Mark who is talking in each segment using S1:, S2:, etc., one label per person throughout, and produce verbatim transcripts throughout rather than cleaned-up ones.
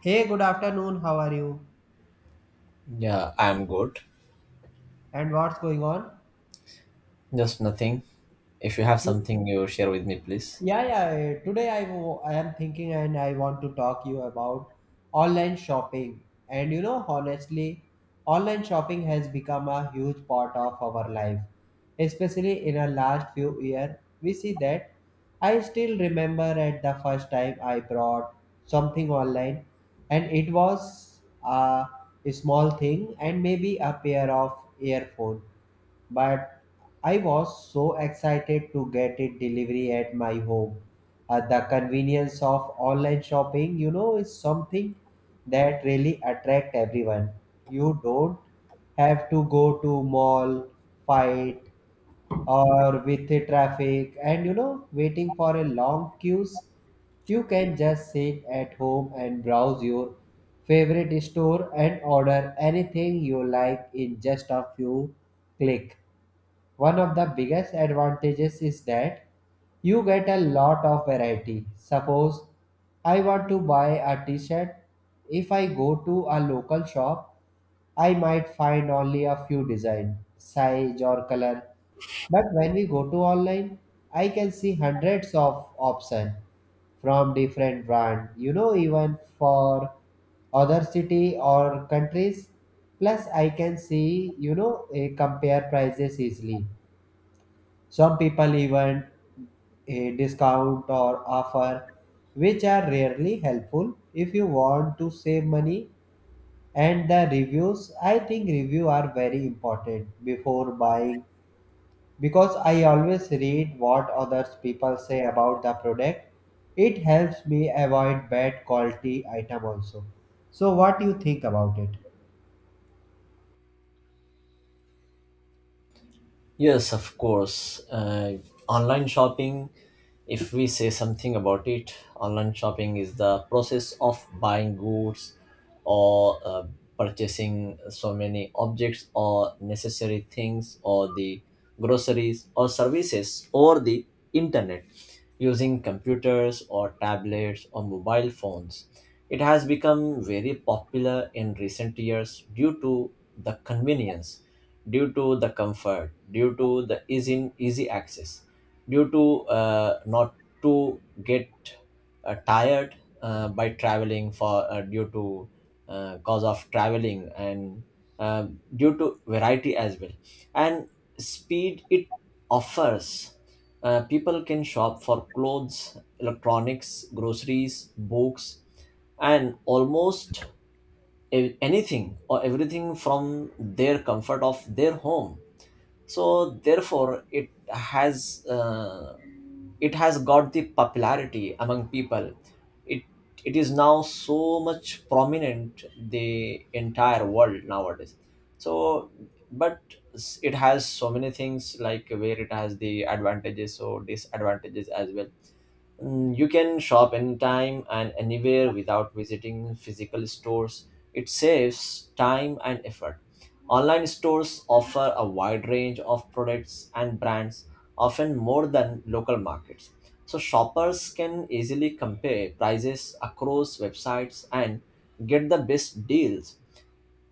S1: Hey, good afternoon. How are you?
S2: Yeah, I'm good.
S1: And what's going on?
S2: Just nothing. If you have
S1: Yeah,
S2: something you share with me, please.
S1: yeah. uh, Today I, wo- I am thinking and I want to talk you about online shopping. And you know, honestly, online shopping has become a huge part of our life, especially in our last few years. We see that. I still remember at the first time I bought something online, and it was a small thing and maybe a pair of earphones but I was so excited to get it delivery at my home. Uh, the convenience of online shopping, you know, is something that really attract everyone. You don't have to go to mall, fight, or with the traffic, and you know, waiting for a long queues. You can just sit at home and browse your favorite store and order anything you like in just a few click. One of the biggest advantages is that you get a lot of variety. Suppose I want to buy a t shirt. If I go to a local shop, I might find only a few design, size, or color. But when we go to online, I can see hundreds of options from different brand. You know, even for other city or countries. Plus, I can see you know eh, compare prices easily. Some people even a discount or offer, which are rarely helpful if you want to save money. And the reviews, I think review are very important before buying because I always read what others people say about the product. It helps me avoid bad quality item also. So what do you think about it?
S2: Yes, of course. Uh, online shopping, if we say something about it, online shopping is the process of buying goods or uh, purchasing so many objects or necessary things or the groceries or services or the internet using computers or tablets or mobile phones. It has become very popular in recent years due to the convenience, due to the comfort, due to the easy, easy access, due to uh, not to get uh, tired uh, by traveling for uh, due to uh, cause of traveling and uh, due to variety as well, and speed it offers. Uh, people can shop for clothes, electronics, groceries, books, and almost a- anything or everything from their comfort of their home. So therefore it has uh, it has got the popularity among people. It it is now so much prominent the entire world nowadays. So but s- it has so many things, like where it has the advantages or disadvantages as well. Mm, You can shop anytime and anywhere without visiting physical stores. It saves time and effort. Online stores offer a wide range of products and brands, often more than local markets. So, shoppers can easily compare prices across websites and get the best deals.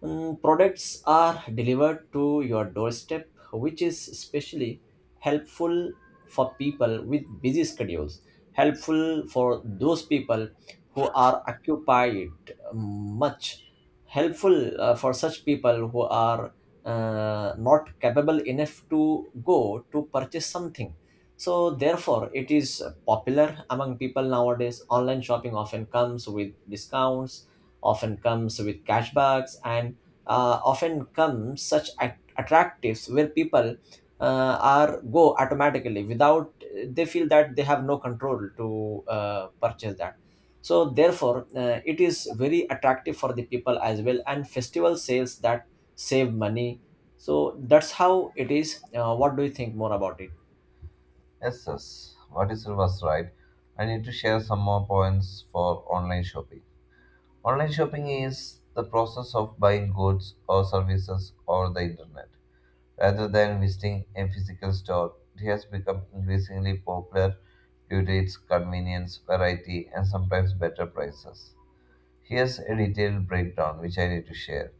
S2: Mm, products are delivered to your doorstep, which is especially helpful for people with busy schedules, helpful for those people who are occupied much, helpful uh, for such people who are uh, not capable enough to go to purchase something. So, therefore, it is popular among people nowadays. Online shopping often comes with discounts, often comes with cashbacks, and uh, often come such at- attractives where people uh, are go automatically without they feel that they have no control to uh, purchase that. So therefore uh, it is very attractive for the people as well, and festival sales that save money. So that's how it is. Uh, what do you think more about it?
S3: Yes, yes. What is was right? I need to share some more points for online shopping. Online shopping is the process of buying goods or services over the internet. Rather than visiting a physical store, it has become increasingly popular due to its convenience, variety, and sometimes better prices. Here's a detailed breakdown which I need to share.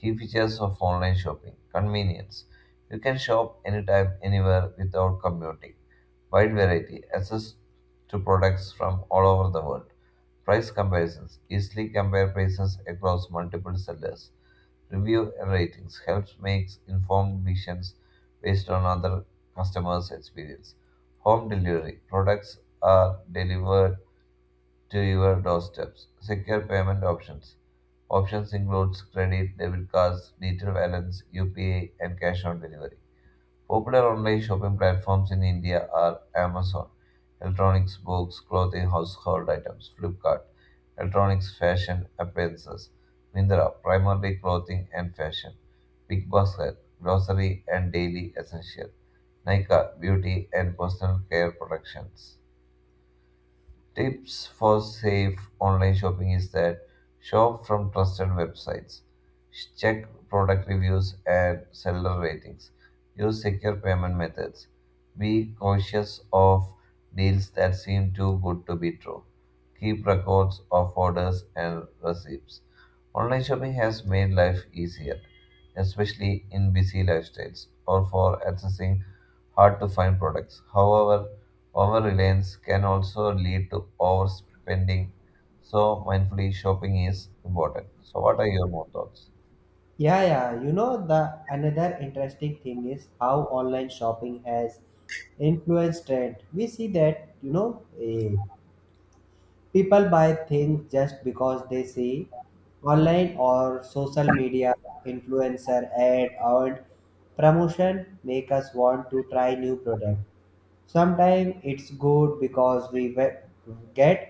S3: Key features of online shopping convenience. You can shop anytime, anywhere without commuting. Wide variety, access to products from all over the world. Price comparisons easily compare prices across multiple sellers. Review and ratings helps makes informed decisions based on other customers' experience. Home delivery products are delivered to your doorsteps. Secure payment options. Options includes credit, debit cards, digital balance, U P I, and cash on delivery. Popular online shopping platforms in India are Amazon, electronics, books, clothing, household items, Flipkart, electronics, fashion, appliances, Mindra, primarily clothing and fashion, Bigbasket, grocery and daily essential, Nika, beauty and personal care productions. Tips for safe online shopping is that shop from trusted websites, check product reviews and seller ratings, use secure payment methods, be cautious of deals that seem too good to be true, keep records of orders and receipts. Online shopping has made life easier, especially in busy lifestyles or for accessing hard to find products. However, over reliance can also lead to overspending, so mindfully shopping is important. So, what are your more thoughts?
S1: Yeah, yeah. You know, the another interesting thing is how online shopping has influenced trend. We see that, you know, eh, people buy things just because they see online or social media influencer ad or promotion make us want to try new product. Sometimes it's good because we we- get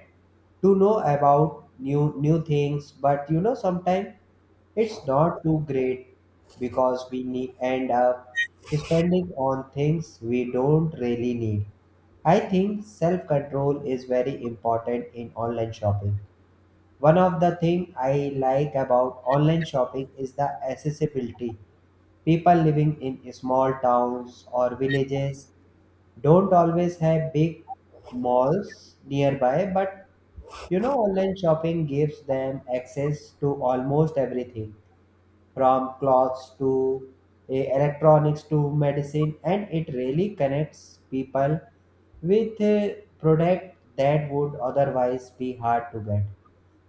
S1: to know about new new things, but you know sometimes it's not too great because we need, end up spending on things we don't really need. I think self control is very important in online shopping. One of the thing I like about online shopping is the accessibility. People living in small towns or villages don't always have big malls nearby, but you know, online shopping gives them access to almost everything from clothes to eh, electronics to medicine, and it really connects people with a product that would otherwise be hard to get.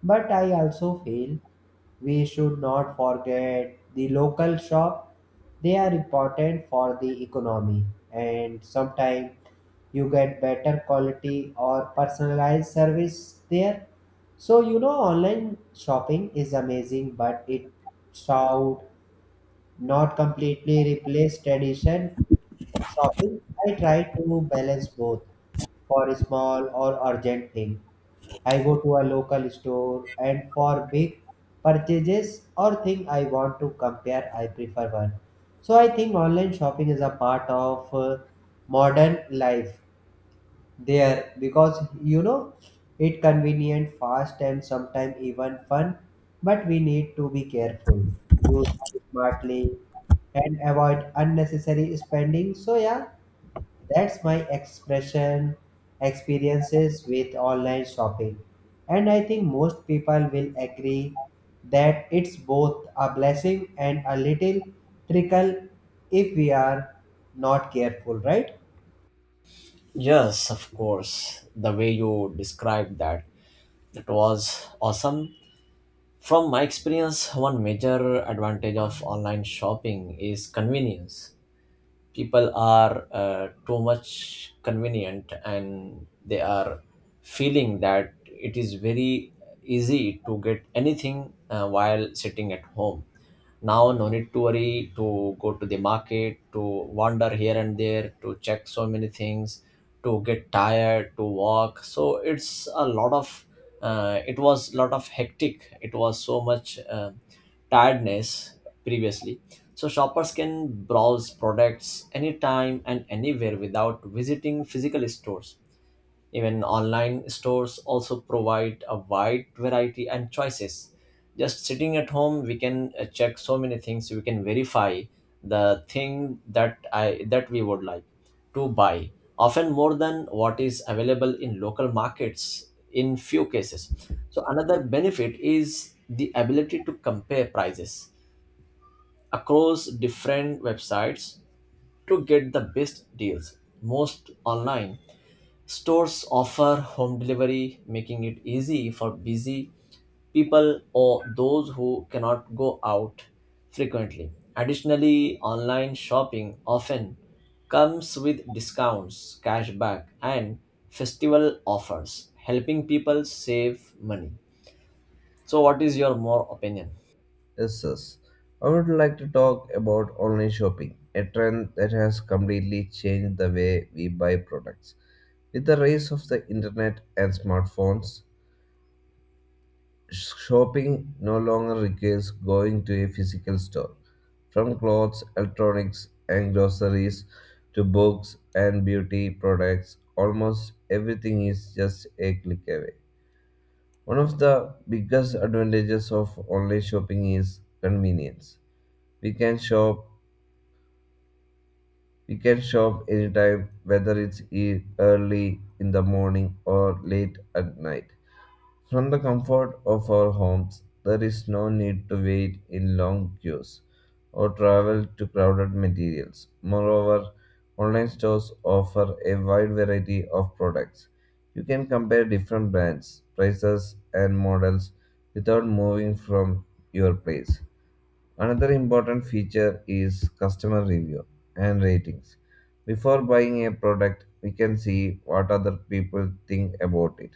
S1: But I also feel we should not forget the local shop. They are important for the economy and sometimes you get better quality or personalized service there. So you know online shopping is amazing but it's out not completely replace tradition shopping. I try to balance both. For small or urgent thing, I go to a local store, and for big purchases or thing I want to compare, I prefer one. So I think online shopping is a part of uh, modern life there because you know it convenient fast and sometimes even fun but we need to be careful use it smartly and avoid unnecessary spending. So yeah, that's my expression experiences with online shopping, and I think most people will agree that it's both a blessing and a little trickle if we are not careful, right?
S2: Yes, of course, the way you described that, that was awesome. From my experience, one major advantage of online shopping is convenience. People are uh, too much convenient and they are feeling that it is very easy to get anything uh, while sitting at home. Now no need to worry to go to the market, to wander here and there, to check so many things, to get tired, to walk. So it's a lot of uh, it was lot of hectic, it was so much uh, tiredness previously. So shoppers can browse products anytime and anywhere without visiting physical stores. Even online stores also provide a wide variety and choices. Just sitting at home, we can uh, check so many things. We can verify the thing that I that we would like to buy, often more than what is available in local markets in few cases. So another benefit is the ability to compare prices across different websites to get the best deals. Most online stores offer home delivery, making it easy for busy people or those who cannot go out frequently. Additionally, online shopping often comes with discounts, cashback, and festival offers, helping people save money. So, what is your more opinion?
S3: Yes, yes. I would like to talk about online shopping, a trend that has completely changed the way we buy products. With the rise of the internet and smartphones, shopping no longer requires going to a physical store. From clothes, electronics, and groceries to books and beauty products, almost everything is just a click away. One of the biggest advantages of online shopping is convenience. We can shop we can shop anytime, whether it's e- early in the morning or late at night. From the comfort of our homes, there is no need to wait in long queues or travel to crowded materials. Moreover, online stores offer a wide variety of products. You can compare different brands, prices, and models without moving from your place. Another important feature is customer review and ratings. Before buying a product, we can see what other people think about it.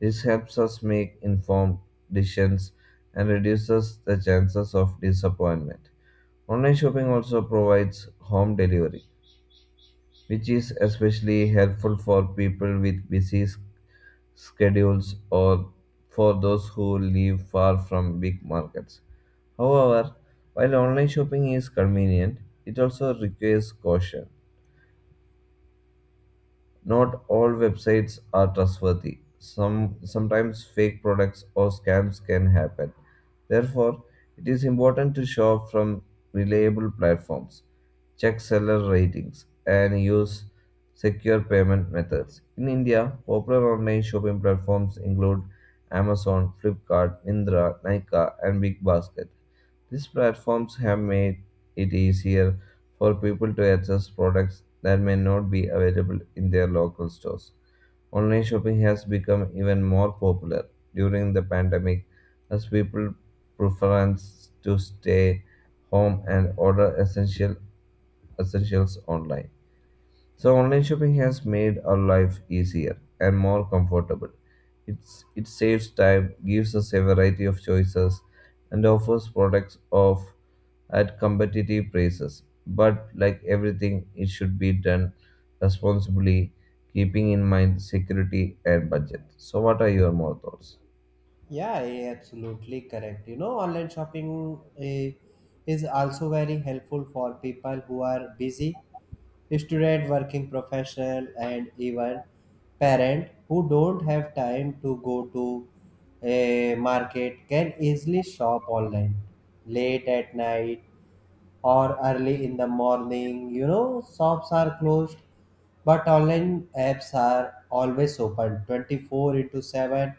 S3: This helps us make informed decisions and reduces the chances of disappointment. Online shopping also provides home delivery, which is especially helpful for people with busy schedules or for those who live far from big markets. However, while online shopping is convenient, it also requires caution. Not all websites are trustworthy. Some sometimes fake products or scams can happen. Therefore, it is important to shop from reliable platforms, check seller ratings, and use secure payment methods. In India, popular online shopping platforms include Amazon, Flipkart, Mindra, Nika, and BigBasket. These platforms have made it easier for people to access products that may not be available in their local stores. Online shopping has become even more popular during the pandemic, as people preference to stay home and order essential essentials online. So online shopping has made our life easier and more comfortable. It's, it saves time, gives us a variety of choices, and offers products of at competitive prices. But like everything, it should be done responsibly, keeping in mind security and budget. So what are your more thoughts?
S1: Yeah, yeah, absolutely correct. You know, online shopping eh, is also very helpful for people who are busy, student, working professional, and even parent who don't have time to go to a market can easily shop online late at night or early in the morning. You know, shops are closed, but online apps are always open twenty four into seven.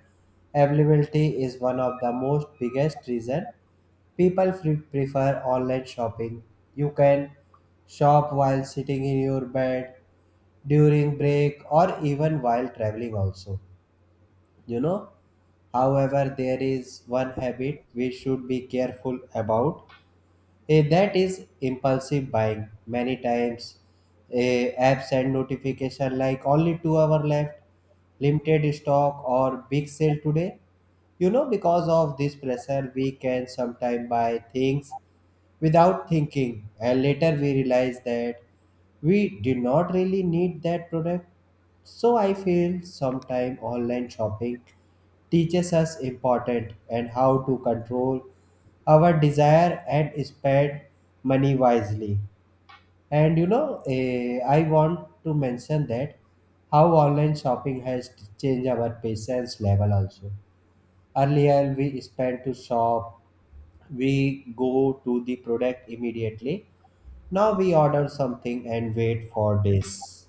S1: Availability is one of the most biggest reason people fre- prefer online shopping. You can shop while sitting in your bed, during break, or even while traveling also. You know, however, there is one habit we should be careful about. Eh, that is impulsive buying. Many times, eh, apps and notification like only two hour left, limited stock or big sale today. You know, because of this pressure, we can sometimes buy things without thinking and later we realize that we did not really need that product. So I feel sometimes online shopping teaches us important and how to control our desire and spend money wisely. And you know eh, I want to mention that how online shopping has changed our patience level also. Earlier, we spent to shop, we go to the product immediately. Now we order something and wait for days.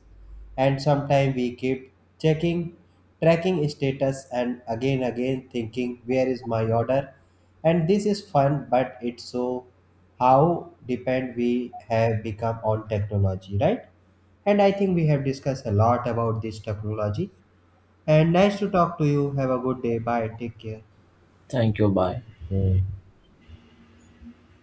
S1: And sometimes we keep checking, tracking status, and again, again thinking, where is my order? And this is fun, but it's so how depend we have become on technology, right? And I think we have discussed a lot about this technology. And nice to talk to you. Have a good day. Bye. Take care.
S2: Thank you. Bye.
S3: Hmm.